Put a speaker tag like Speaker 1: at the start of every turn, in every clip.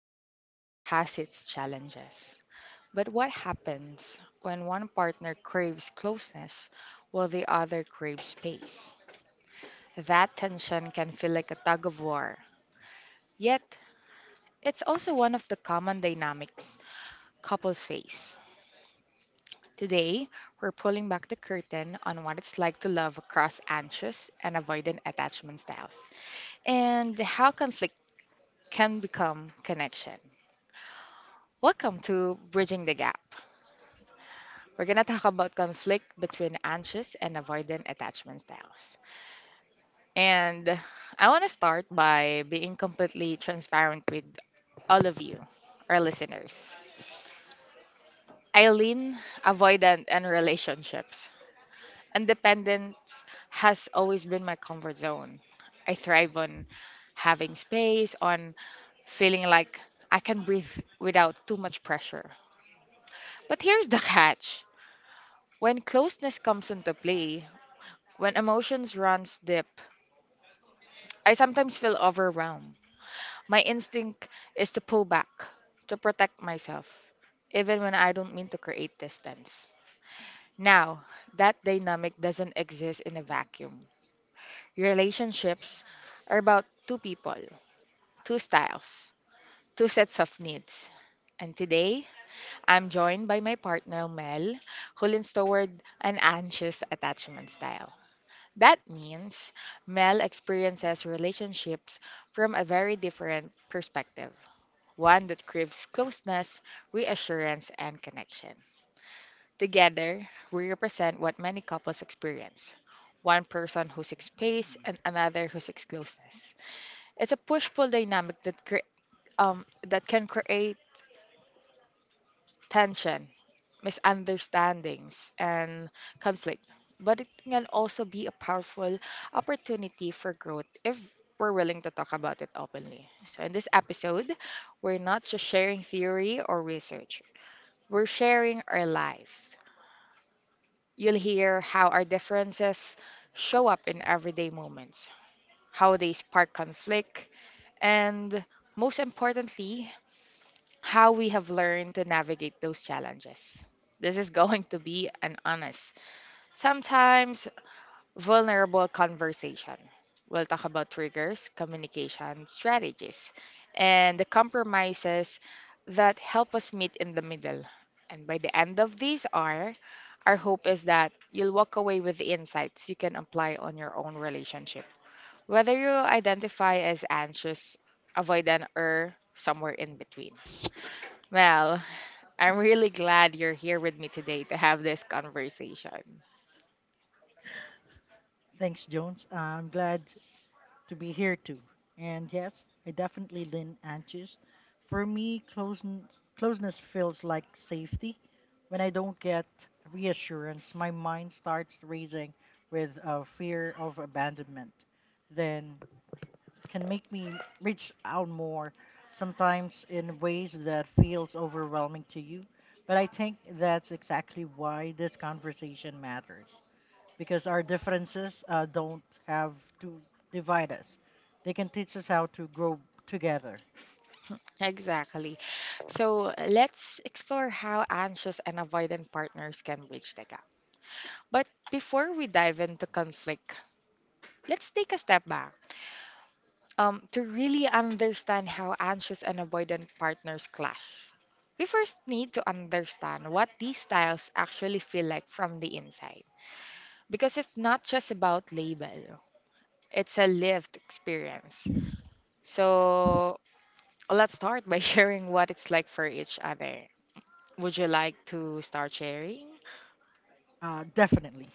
Speaker 1: relationship has its challenges. But what happens when one partner craves closeness while the other craves space? That tension can feel like a tug of war. Yet, it's also one of the common dynamics couples face. Today, we're pulling back the curtain on what it's like to love across anxious and avoidant attachment styles, and how conflict can become connection. Welcome to Bridging the Gap. We're going to talk about conflict between anxious and avoidant attachment styles. And I want to start by being completely transparent with all of you, our listeners. Eileen, avoidant and relationships. Independence has always been my comfort zone. I thrive on having space, on feeling like I can breathe without too much pressure. But here's the catch. When closeness comes into play, when emotions runs deep, I sometimes feel overwhelmed. My instinct is to pull back, to protect myself, even when I don't mean to create distance. Now, that dynamic doesn't exist in a vacuum. Relationships are about two people, two styles, two sets of needs. And today, I'm joined by my partner Mel, who leans toward an anxious attachment style. That means Mel experiences relationships from a very different perspective, one that craves closeness, reassurance, and connection. Together, we represent what many couples experience: one person who seeks space and another who seeks closeness. It's a push pull dynamic that can create tension, misunderstandings, and conflict. But it can also be a powerful opportunity for growth if we're willing to talk about it openly. So, in this episode, we're not just sharing theory or research. We're sharing our life. You'll hear how our differences show up in everyday moments, how they spark conflict, and most importantly, how we have learned to navigate those challenges. This is going to be an honest, sometimes vulnerable conversation. We'll talk about triggers, communication strategies, and the compromises that help us meet in the middle. And by the end of these are our hope is that you'll walk away with the insights you can apply on your own relationship, whether you identify as anxious, avoidant, or somewhere in between. Well, I'm really glad you're here with me today to have this conversation.
Speaker 2: Thanks, Jones. I'm glad to be here too. And yes, I definitely lean anxious. For me, closeness feels like safety. When I don't get reassurance, my mind starts racing with a fear of abandonment. Then can make me reach out more, sometimes in ways that feels overwhelming to you. But I think that's exactly why this conversation matters because our differences don't have to divide us. They can teach us how to grow together.
Speaker 1: Exactly. So let's explore how anxious and avoidant partners can bridge the gap. But before we dive into conflict, let's take a step back to really understand how anxious and avoidant partners clash. We first need to understand what these styles actually feel like from the inside. Because it's not just about label, it's a lived experience. So let's start by sharing what it's like for each other. Would you like to start sharing?
Speaker 2: Definitely.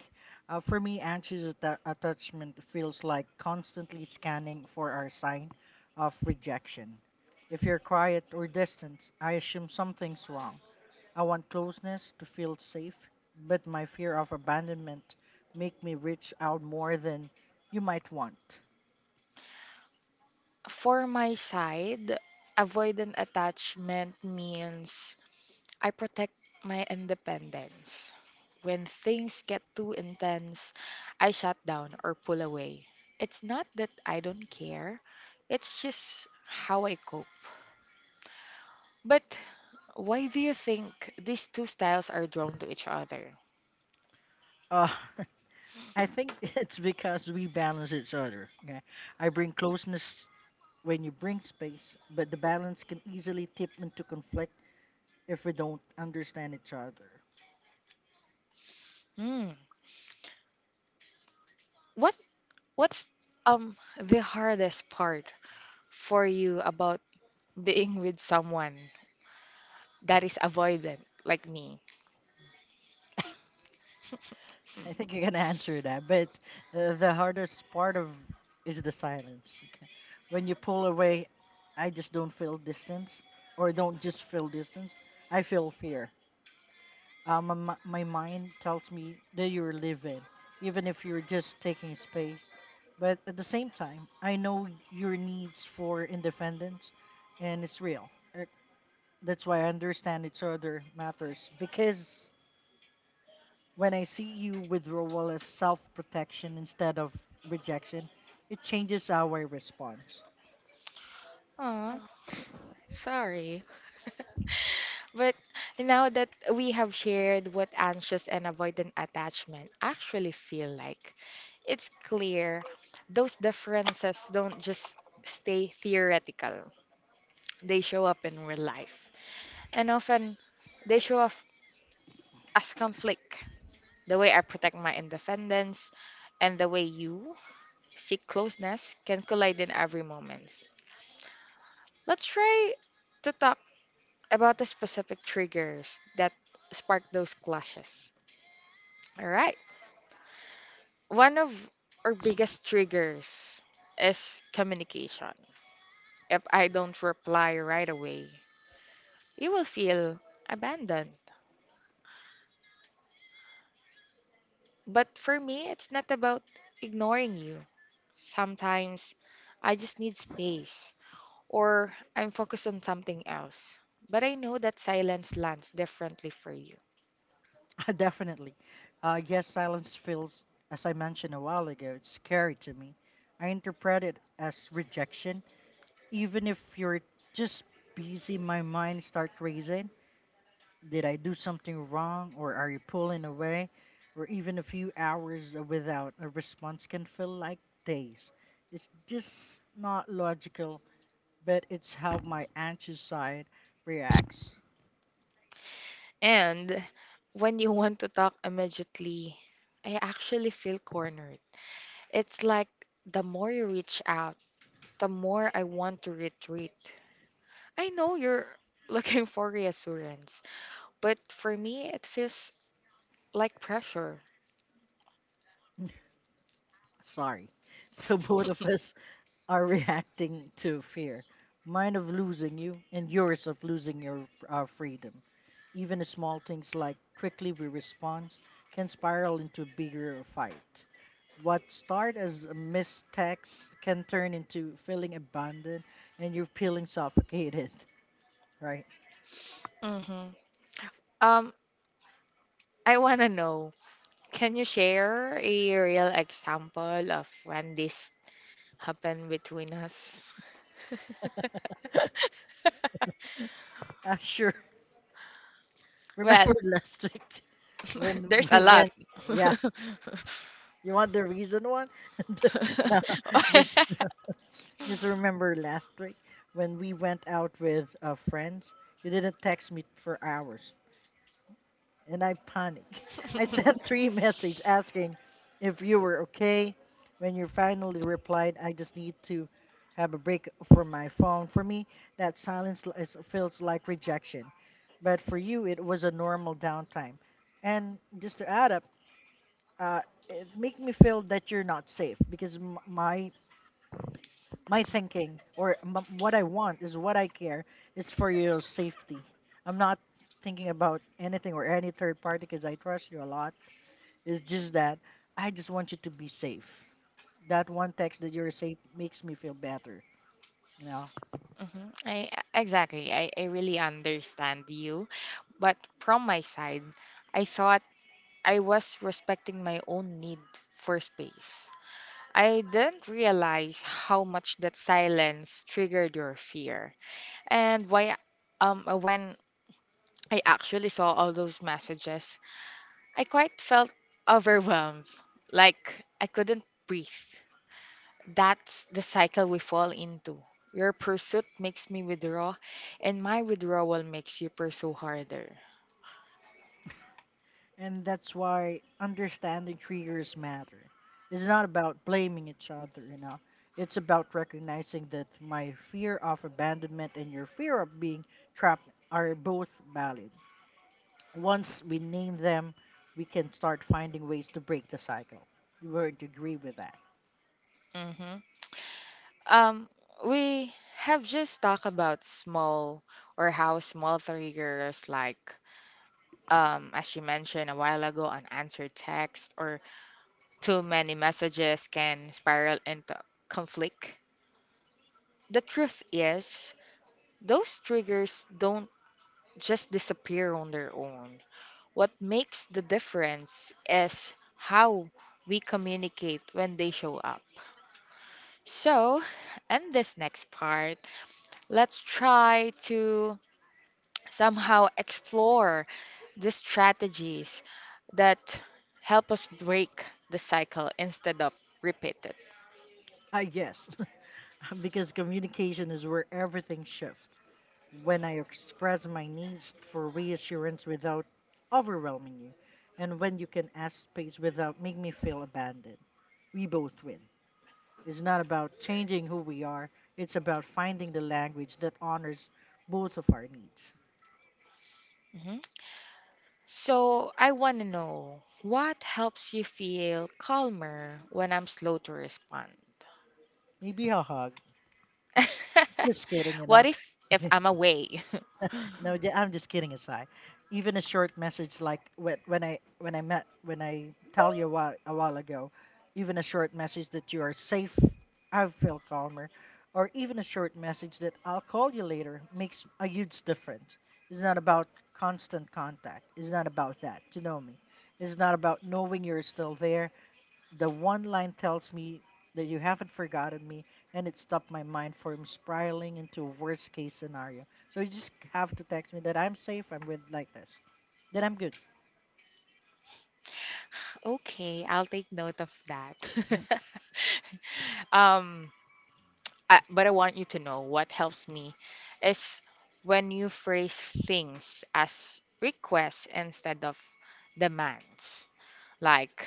Speaker 2: For me, attachment feels like constantly scanning for our sign of rejection. If you're quiet or distant, I assume something's wrong. I want closeness to feel safe, but my fear of abandonment make me reach out more than you might want.
Speaker 1: For my side, avoidant attachment means I protect my independence. When things get too intense, I shut down or pull away. It's not that I don't care, it's just how I cope. But why do you think these two styles are drawn to each other?
Speaker 2: Uh, I think it's because we balance each other. Okay? I bring closeness when you bring space, but the balance can easily tip into conflict if we don't understand each other.
Speaker 1: Hmm. What what's the hardest part for you about being with someone that is avoidant like me?
Speaker 2: I think you can answer that, but the hardest part of is the silence. Okay? When you pull away, I just don't feel distance, or don't just feel distance. I feel fear. My mind tells me that you're living, even if you're just taking space. But at the same time, I know your needs for independence, and it's real. Er, That's why I understand each other matters. Because when I see you withdrawal as self protection instead of rejection, it changes how I respond.
Speaker 1: Aw, sorry. But now that we have shared what anxious and avoidant attachment actually feel like, it's clear those differences don't just stay theoretical. They show up in real life. And often they show up as conflict. The way I protect my independence and the way you seek closeness can collide in every moment. Let's try to talk about the specific triggers that spark those clashes. All right. One of our biggest triggers is communication. If I don't reply right away, you will feel abandoned. But for me, it's not about ignoring you. Sometimes I just need space or I'm focused on something else. But I know that silence lands differently for you.
Speaker 2: Definitely. Yes, silence feels, as I mentioned a while ago, it's scary to me. I interpret it as rejection. Even if you're just busy, my mind start racing. Did I do something wrong or are you pulling away? Or even a few hours without a response can feel like days. It's just not logical, but it's how my anxious side reacts.
Speaker 1: And when you want to talk immediately, I actually feel cornered. It's like the more you reach out, the more I want to retreat. I know you're looking for reassurance, but for me, it feels like pressure.
Speaker 2: Sorry. So both of us are reacting to fear. Mine of losing you, and yours of losing your our freedom. Even small things like quickly we respond can spiral into a bigger fight. What start as a mistext can turn into feeling abandoned and you're feeling suffocated, right?
Speaker 1: Hmm. Um, I want to know, can you share a real example of when this happened between us?
Speaker 2: Sure.
Speaker 1: Well,
Speaker 2: Remember last week when
Speaker 1: there's
Speaker 2: we
Speaker 1: a lot.
Speaker 2: went, yeah, you want the reason one? no, just just remember last week when we went out with friends, you didn't text me for hours, and I panicked. I sent three messages asking if you were okay. When you finally replied, I just need to have a break from my phone. For me, that silence feels like rejection, but for you, it was a normal downtime. And just to add up, uh, it made me feel that you're not safe because my thinking or what I want is what I care is for your safety. I'm not thinking about anything or any third party because I trust you a lot. It's just that I just want you to be safe. That one text that you're safe makes me feel better, you know?
Speaker 1: Mhm. I really understand you. But from my side, I thought I was respecting my own need for space. I didn't realize how much that silence triggered your fear. And why when I actually saw all those messages, I quite felt overwhelmed. Like I couldn't breathe. That's the cycle we fall into. Your pursuit makes me withdraw, and my withdrawal makes you pursue harder.
Speaker 2: And that's why understanding triggers matter. It's not about blaming each other, you know? It's about recognizing that my fear of abandonment and your fear of being trapped are both valid. Once we name them, we can start finding ways to break the cycle. You would agree with that?
Speaker 1: Hmm. Um, we have just talked about small or how small triggers like, as you mentioned a while ago, unanswered text or too many messages can spiral into conflict. The truth is, those triggers don't just disappear on their own. What makes the difference is how we communicate when they show up. So, in this next part, let's try to somehow explore the strategies that help us break the cycle instead of repeat it.
Speaker 2: Ah, yes, because communication is where everything shifts. When I express my needs for reassurance without overwhelming you, and when you can ask space without making me feel abandoned, we both win. It's not about changing who we are, it's about finding the language that honors both of our needs.
Speaker 1: Mhm. So, I want to know, what helps you feel calmer when I'm slow to respond?
Speaker 2: Maybe a hug. Just kidding, you
Speaker 1: What
Speaker 2: know.
Speaker 1: if I'm away?
Speaker 2: No, I'm just kidding aside. Even a short message like when I tell you a while ago, even a short message that you are safe, I feel calmer, or even a short message that I'll call you later makes a huge difference. It's not about constant contact. It's not about that. You know me. It's not about knowing you're still there. The one line tells me that you haven't forgotten me, and it stopped my mind from spiraling into a worst case scenario. So you just have to text me that I'm safe, I'm with like this, that I'm good.
Speaker 1: Okay, I'll take note of that. Um, but I want you to know what helps me is when you phrase things as requests instead of demands. Like,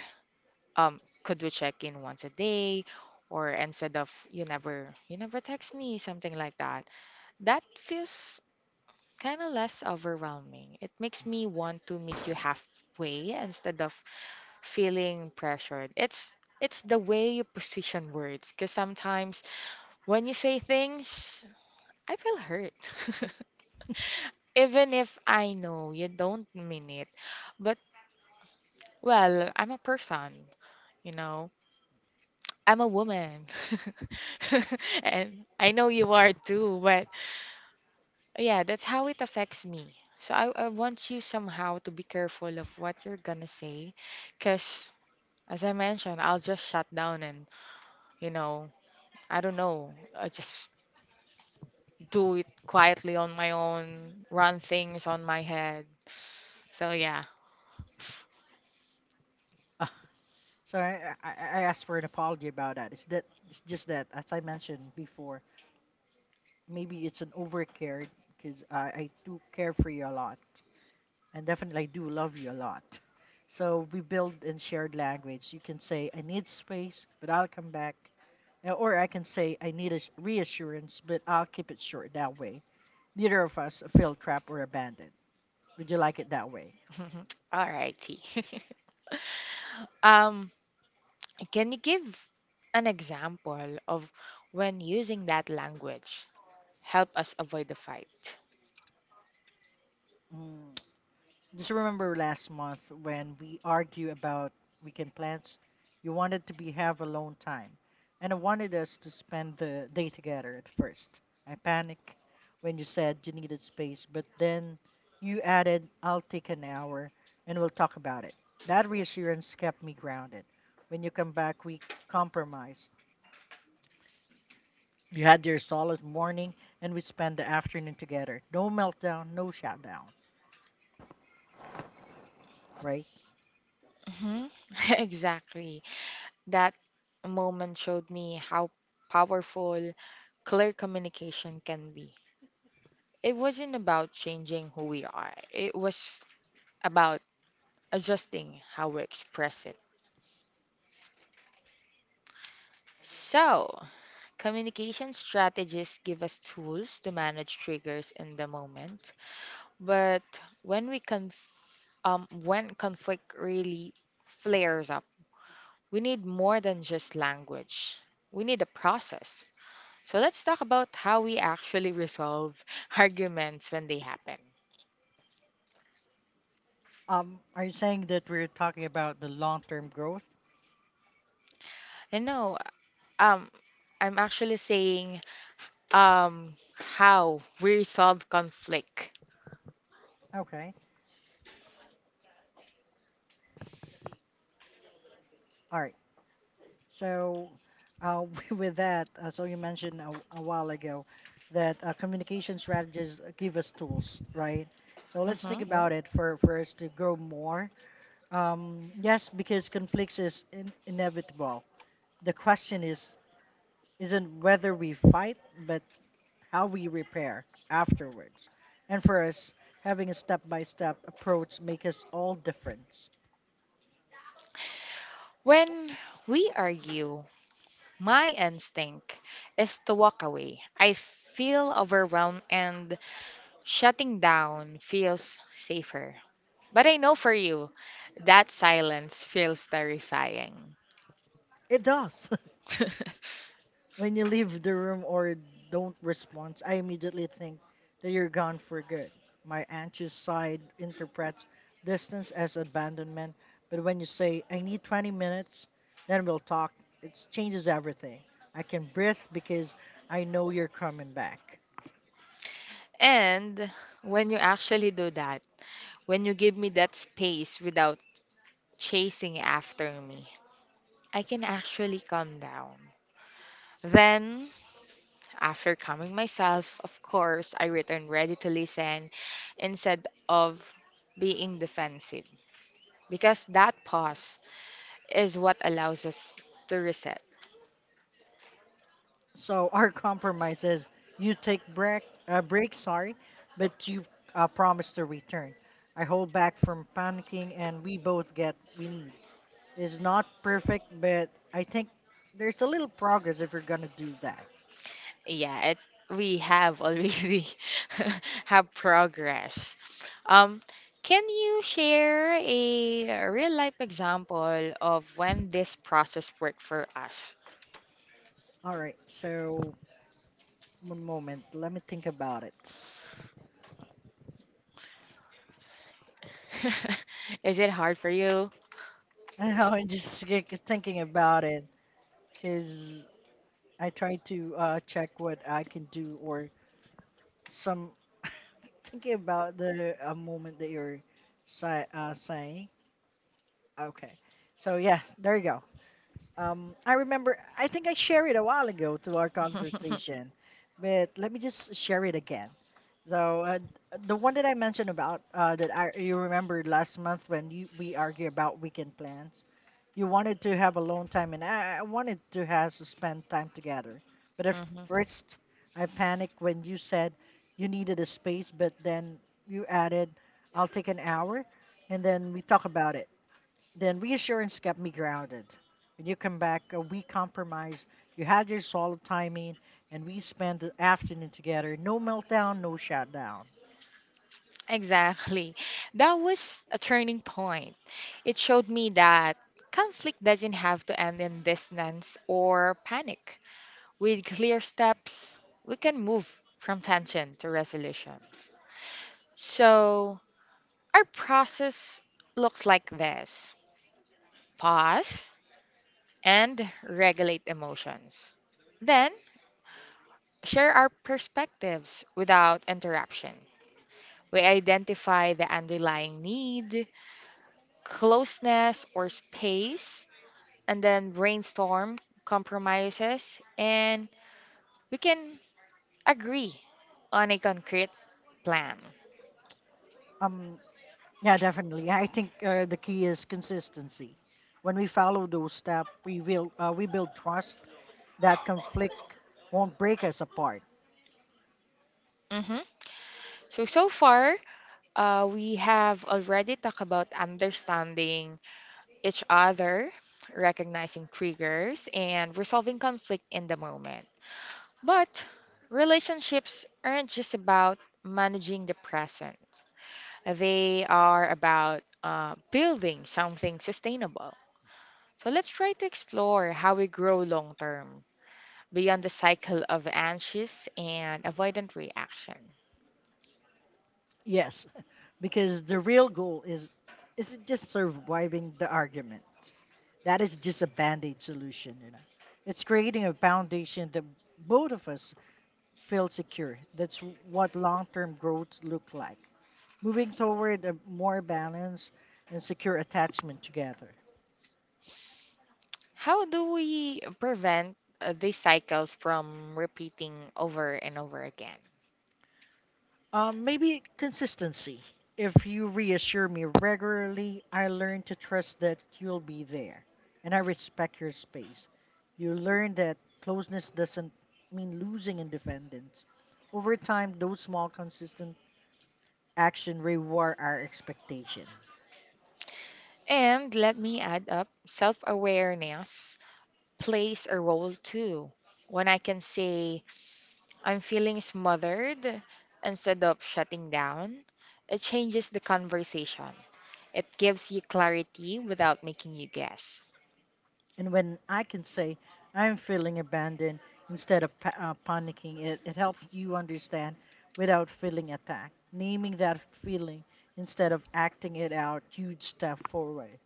Speaker 1: could we check in once a day? Or instead of you never text me, something like that. That feels kind of less overwhelming. It makes me want to meet you halfway instead of feeling pressured. It's the way you position words, because sometimes when you say things, I feel hurt. Even if I know you don't mean it. But well, I'm a person, you know. I'm a woman. And I know you are too, but yeah, that's how it affects me. So I want you somehow to be careful of what you're gonna say, because as I mentioned, I'll just shut down and, you know, I don't know. I just do it quietly on my own, run things on my head. So yeah.
Speaker 2: Ah, so I asked for an apology about that. It's that it's just that as I mentioned before, maybe it's an overcare because I do care for you a lot, and definitely I do love you a lot. So we build in shared language. You can say I need space, but I'll come back. Or I can say I need reassurance, but I'll keep it short that way. Neither of us feel trapped or abandoned. Would you like it that way?
Speaker 1: All righty. Um, can you give an example of when using that language help us avoid the fight?
Speaker 2: Mm. Just remember last month when we argue about weekend plans, you wanted to be have alone time, and I wanted us to spend the day together at first. I panicked when you said you needed space, but then you added, "I'll take an hour and we'll talk about it." That reassurance kept me grounded. When you come back, we compromised. You had your solid morning, and we spent the afternoon together. No meltdown, no shutdown, right?
Speaker 1: Hmm. Exactly. That moment showed me how powerful clear communication can be. It wasn't about changing who we are. It was about adjusting how we express it. So, communication strategies give us tools to manage triggers in the moment, but when we conf- when conflict really flares up, we need more than just language. We need a process. So let's talk about how we actually resolve arguments when they happen.
Speaker 2: Are you saying that we're talking about the long-term growth?
Speaker 1: And no, um, I'm actually saying how we resolve conflict.
Speaker 2: Okay, all right. So, uh, with that, so you mentioned a while ago that communication strategies give us tools, right? So let's think.
Speaker 1: Mhm.
Speaker 2: Yeah. About it for us to grow more. Yes, because conflicts is inevitable. The question is isn't whether we fight, but how we repair afterwards. And for us, having a step by step approach makes us all different.
Speaker 1: When we argue, my instinct is to walk away. I feel overwhelmed and shutting down feels safer. But I know for you, that silence feels terrifying.
Speaker 2: It does. When you leave the room or don't respond, I immediately think that you're gone for good. My anxious side interprets distance as abandonment, but when you say, I need 20 minutes, then we'll talk, it changes everything. I can breathe because I know you're coming back.
Speaker 1: And when you actually do that, when you give me that space without chasing after me, I can actually calm down. Then, after calming myself, of course, I returned ready to listen instead of being defensive, because that pause is what allows us to reset.
Speaker 2: So our compromise is you take break, sorry, but you promise to return. I hold back from panicking, and we both get we need. It's not perfect, but I think there's a little progress if you're gonna do that.
Speaker 1: Yeah, it we have already have progress. Um, can you share a real life example of when this process worked for us?
Speaker 2: All right, so one moment, let me think about it.
Speaker 1: Is it hard for you?
Speaker 2: I'm just like thinking about it because I try to check what I can do or some thinking about the moment that you're saying. Okay, so yeah, there you go. I remember. I think I shared it a while ago to our conversation, but let me just share it again. So the one that I mentioned about that I, you remember last month when you, we argue about weekend plans, you wanted to have alone time, and I wanted to have to spend time together. But at
Speaker 1: Mhm.
Speaker 2: first, I panicked when you said you needed a space, but then you added, "I'll take an hour," and then we talk about it. Then reassurance kept me grounded. When you come back, we compromised. You had your solid timing, and we spent the afternoon together. No meltdown, no shutdown.
Speaker 1: Exactly. That was a turning point. It showed me that conflict doesn't have to end in dissonance or panic. With clear steps, we can move from tension to resolution. So, our process looks like this: pause and regulate emotions. Then, share our perspectives without interruption. We identify the underlying need, closeness, or space, and then brainstorm compromises, and we can agree on a concrete plan.
Speaker 2: Um, yeah, definitely. I think the key is consistency. When we follow those steps, we build trust that conflict won't break us apart.
Speaker 1: Hmm. So, so far, we have already talked about understanding each other, recognizing triggers, and resolving conflict in the moment. But relationships aren't just about managing the present, they are about building something sustainable. So let's try to explore how we grow long term beyond the cycle of anxious and avoidant reaction.
Speaker 2: Yes, because the real goal is just surviving the argument. That is just a band-aid solution, you know. It's creating a foundation that both of us feel secure. That's what long-term growth look like. Moving toward a more balanced and secure attachment together.
Speaker 1: How do we prevent these cycles from repeating over and over again?
Speaker 2: Maybe consistency. If you reassure me regularly, I learn to trust that you'll be there and I respect your space. You learn that closeness doesn't mean losing independence. Over time, those small, consistent action reward our expectation.
Speaker 1: And let me add up, self awareness plays a role too. When I can say I'm feeling smothered instead of shutting down, it changes the conversation. It gives you clarity without making you guess.
Speaker 2: And when I can say, I'm feeling abandoned instead of panicking, it helps you understand without feeling attacked. Naming that feeling instead of acting it out, huge step forward.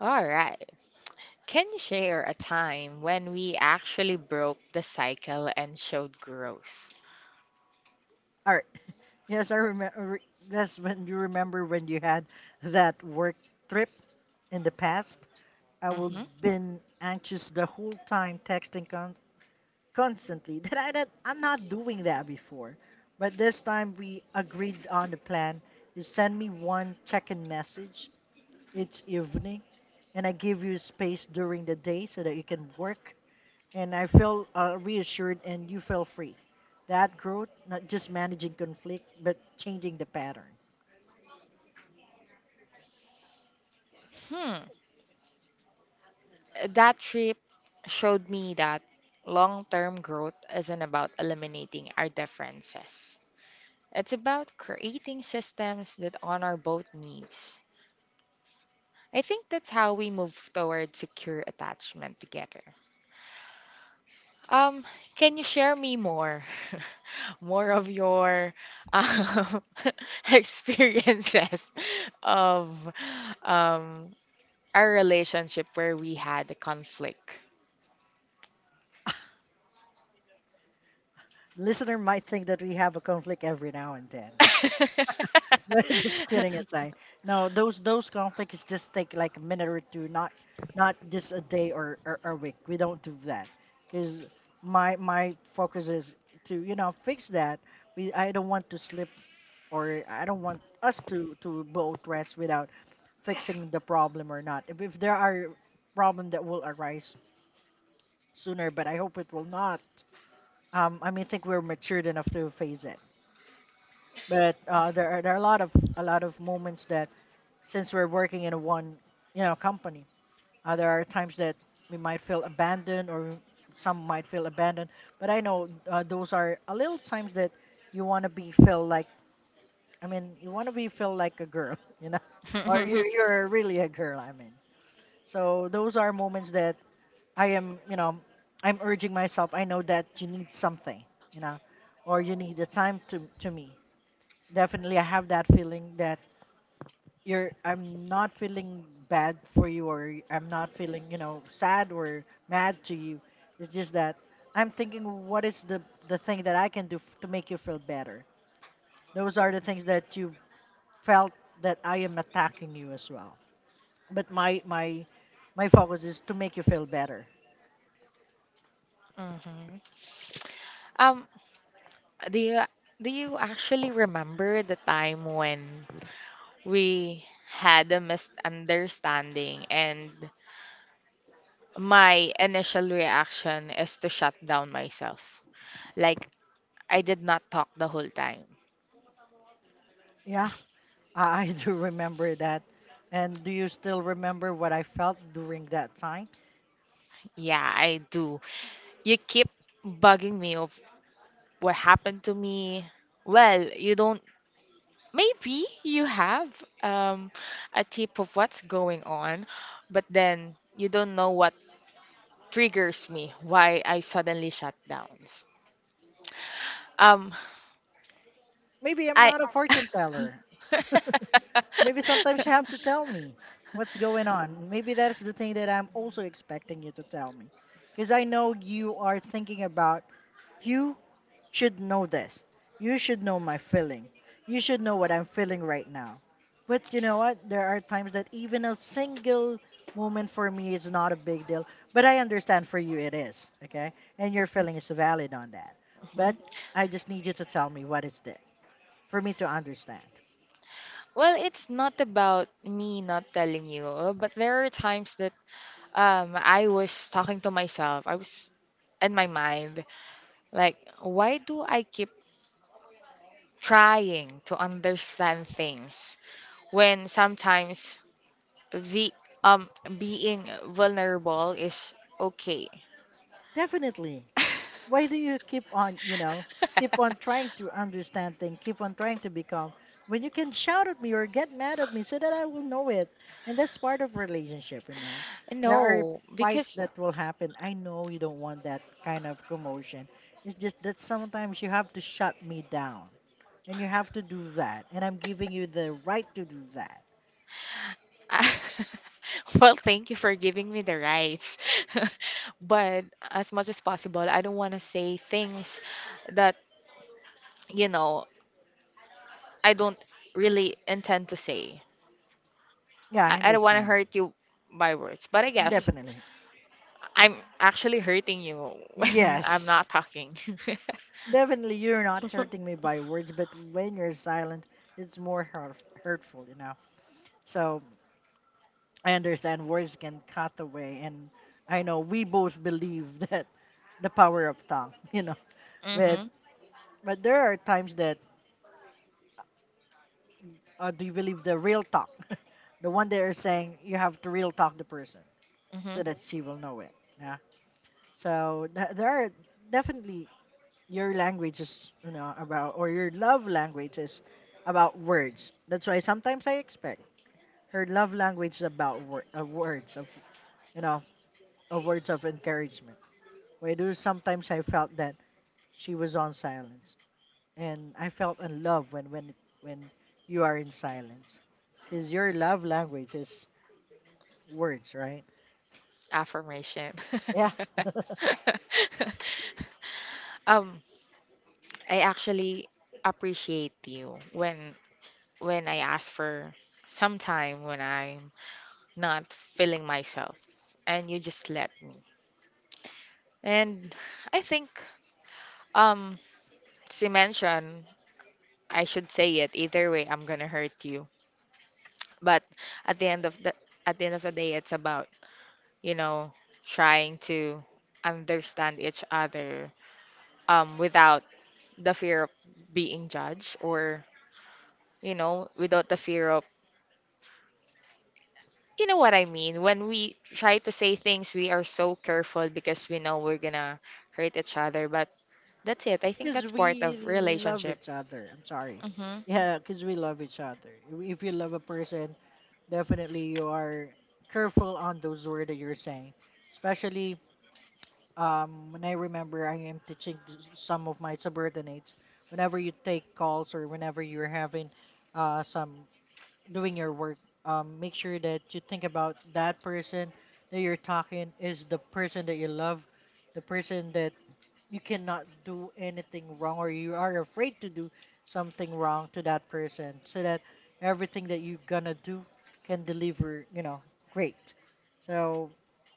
Speaker 1: All right. Can you share a time when we actually broke the cycle and showed growth?
Speaker 2: All right. Yes, I remember. Yes, when you remember when you had that work trip in the past, I would
Speaker 1: Hmm.
Speaker 2: been anxious the whole time texting constantly that I'm not doing that before. But this time we agreed on the plan. You send me one check-in message each evening, and I give you space during the day so that you can work. And I feel reassured, and you feel free. That growth, not just managing conflict, but changing the pattern.
Speaker 1: Hmm. That trip showed me that long term growth isn't about eliminating our differences, it's about creating systems that honor both needs. I think that's how we move toward secure attachment together. Um, can you share me more? More of your um, experiences of um, our relationship where we had a conflict.
Speaker 2: Listener might think that we have a conflict every now and then. Just kidding aside. No, those conflicts just take like a minute or two, not not just a day or a week. We don't do that because my focus is to you know fix that. We I don't want to slip or I don't want us to both rest without fixing the problem or not. If there are problem that will arise sooner, but I hope it will not. I think we're matured enough to face it. But there are a lot of moments that since we're working in one company, there are times that we might feel abandoned or some might feel abandoned, but I know those are a little times that you want to be feel like, I mean you want to be feel like a girl, you know, or you're really a girl, I mean. So those are moments that I am, I'm urging myself. I know that you need something, you know, or you need the time to me. Definitely I have that feeling that you're I'm not feeling bad for you, or I'm not feeling, sad or mad to you. It's just that I'm thinking, what is the thing that I can do to make you feel better. Those are the things that you felt that I am attacking you as well. But my focus is to make you feel better.
Speaker 1: Mhm. Um, do you do you actually remember the time when we had a misunderstanding, and my initial reaction is to shut down myself. Like, I did not talk the whole time.
Speaker 2: Yeah, I do remember that. And do you still remember what I felt during that time?
Speaker 1: Yeah, I do. You keep bugging me of what happened to me. Well, you don't. Maybe you have um, a tip of what's going on, but then you don't know what triggers me, why I suddenly shut down. Um,
Speaker 2: Maybe I'm
Speaker 1: I.
Speaker 2: not a fortune teller. Maybe sometimes you have to tell me what's going on. Maybe that's the thing that I'm also expecting you to tell me. Because I know you are thinking about, you should know this. You should know my feeling. You should know what I'm feeling right now. But you know what? There are times that even a single moment for me is not a big deal. But I understand for you it is. Okay? And your feeling is valid on that. But
Speaker 1: Mhm.
Speaker 2: I just need you to tell me what is that for me to understand.
Speaker 1: Well, it's not about me not telling you, but there are times that I was talking to myself. I was in my mind like, why do I keep trying to understand things when sometimes the um being vulnerable is okay?
Speaker 2: Definitely. Why do you keep on, you know, keep on trying to understand things, keep on trying to become, when you can shout at me or get mad at me so that I will know it? And that's part of relationship, you know. There are
Speaker 1: No,
Speaker 2: fights
Speaker 1: because
Speaker 2: that will happen. I know you don't want that kind of commotion. It's just that sometimes you have to shut me down, and you have to do that, and I'm giving you the right to do that.
Speaker 1: well, thank you for giving me the rights. But as much as possible, I don't want to say things that, you know, I don't really intend to say.
Speaker 2: Yeah, I
Speaker 1: I don't want to
Speaker 2: understand.
Speaker 1: hurt you by words. But I guess
Speaker 2: Definitely,
Speaker 1: I'm actually hurting you when I'm not
Speaker 2: yes.
Speaker 1: talking.
Speaker 2: Definitely, you're not hurting me by words, but when you're silent, it's more hurtful, you know. So I understand words can cut away, and I know we both believe that the power of tongue, you know. But
Speaker 1: Mm-hmm.
Speaker 2: there are times that, do you believe the real talk, the one that are saying you have to real talk the person
Speaker 1: Mm-hmm.
Speaker 2: so that she will know it. Yeah. So there are, definitely, your language is, about, or your love language is about words. That's why sometimes I expect her love language is about of words of, you know, of words of encouragement. Why do sometimes I felt that she was on silence, and I felt in love when when you are in silence, because your love language is words, right?
Speaker 1: Affirmation.
Speaker 2: Yeah.
Speaker 1: Um, I actually appreciate you when I ask for some time when I'm not feeling myself, and you just let me. And I think, um, as you mentioned, I should say it either way. I'm gonna hurt you, but at the end of the at the end of the day, it's about you know trying to understand each other without the fear of being judged or you know without the fear of you know what I mean, when we try to say things we are so careful because we know we're gonna hurt each other, but that's it. I think
Speaker 2: Because
Speaker 1: that's part
Speaker 2: we
Speaker 1: of
Speaker 2: love
Speaker 1: relationship.
Speaker 2: each other. I'm sorry.
Speaker 1: Hmm.
Speaker 2: Yeah, because we love each other. If you love a person, definitely, you are careful on those words that you're saying. Especially, when I remember, I am teaching some of my subordinates. Whenever you take calls, or whenever you're having some, doing your work, make sure that you think about that person that you're talking is the person that you love, the person that you cannot do anything wrong, or you are afraid to do something wrong to that person, so that everything that you're gonna do can deliver, you know, great. So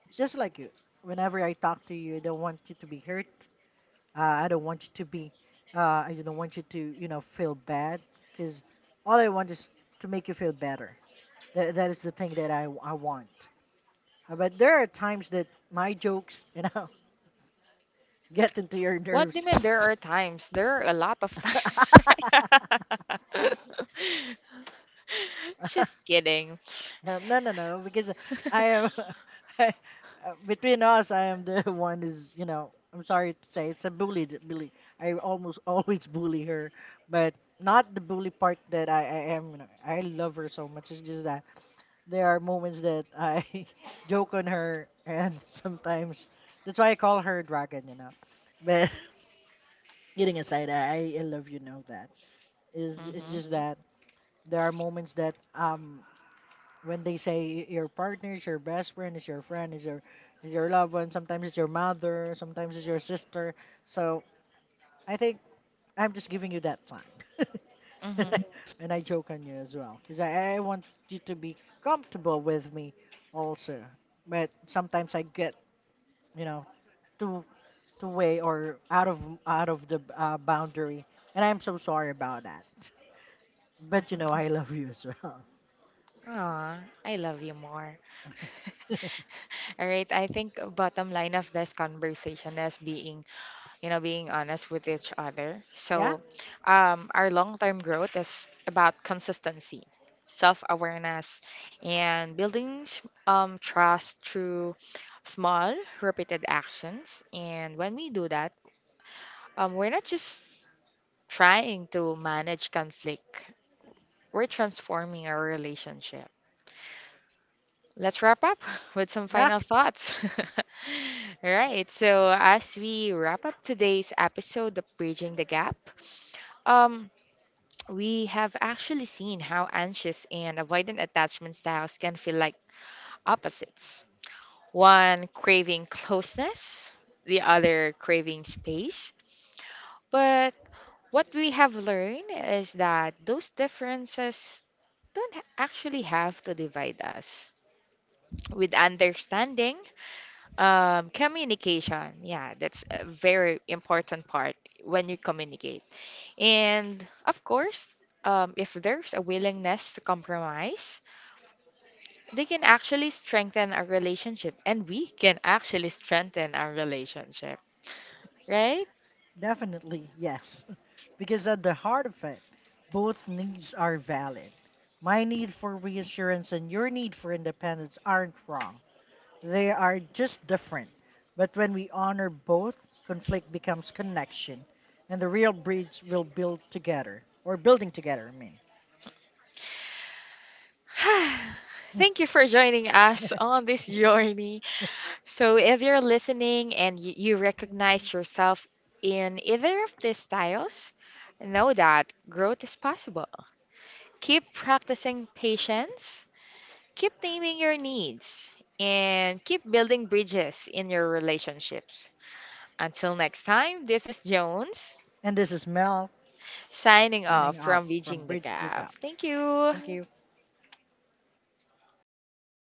Speaker 2: it's just like you, whenever I talk to you, I don't want you to be hurt. I don't want you to be, I don't want you to, you know, feel bad, because all I want is to make you feel better. That is the thing that I want. But there are times that my jokes, you know, get into your
Speaker 1: What do you
Speaker 2: nerves.
Speaker 1: mean there are times? There are a lot of times. Just kidding.
Speaker 2: No, no, no, no, because I am I, between us, I am the one is, you know. I'm sorry to say, it's a bully. That bully. I almost always bully her, but not the bully part that I am. You know, I love her so much. It's just that there are moments that I joke on her, and sometimes that's why I call her dragon. You know, but getting aside, I love, you know that. Is It's
Speaker 1: Hmm.
Speaker 2: just that there are moments that, um, when they say your partner is your best friend, is your loved one, sometimes it's your mother, sometimes it's your sister. So I think I'm just giving you that time. And,
Speaker 1: Hmm.
Speaker 2: and I joke on you as well. Because I want you to be comfortable with me also. But sometimes I get, you know, too too way, or out of the, boundary. And I'm so sorry about that. But
Speaker 1: Hmm.
Speaker 2: you know, I love you as well.
Speaker 1: Aw, I love you more. All right, I think bottom line of this conversation is being, you know, being honest with each other.
Speaker 2: Yeah?
Speaker 1: So, our long-term growth is about consistency, self-awareness, and building trust through small, repeated actions. And when we do that, we're not just trying to manage conflict, we're transforming our relationship. Let's wrap up with some
Speaker 2: Yeah?
Speaker 1: final thoughts. All right, so as we wrap up today's episode of Bridging the Gap, um, we have actually seen how anxious and avoidant attachment styles can feel like opposites. One craving closeness, the other craving space. But what we have learned is that those differences don't actually have to divide us. With understanding, communication, yeah, that's a very important part when you communicate. And of course, if there's a willingness to compromise, they can actually strengthen our relationship, and we can actually strengthen our relationship, right?
Speaker 2: Definitely, yes. Because at the heart of it, both needs are valid. My need for reassurance and your need for independence aren't wrong. They are just different. But when we honor both, conflict becomes connection, and the real bridge will build together, or building together, I mean.
Speaker 1: Thank you for joining us on this journey. So, if you're listening and you recognize yourself in either of these styles, know that growth is possible. Keep practicing patience, keep naming your needs, and keep building bridges in your relationships. Until next time, this is Jones,
Speaker 2: And this is Mel,
Speaker 1: signing off
Speaker 2: signing off
Speaker 1: from
Speaker 2: from
Speaker 1: Bridging the
Speaker 2: Bridge to
Speaker 1: Gap.
Speaker 2: Cup.
Speaker 1: Thank you.
Speaker 2: Thank you.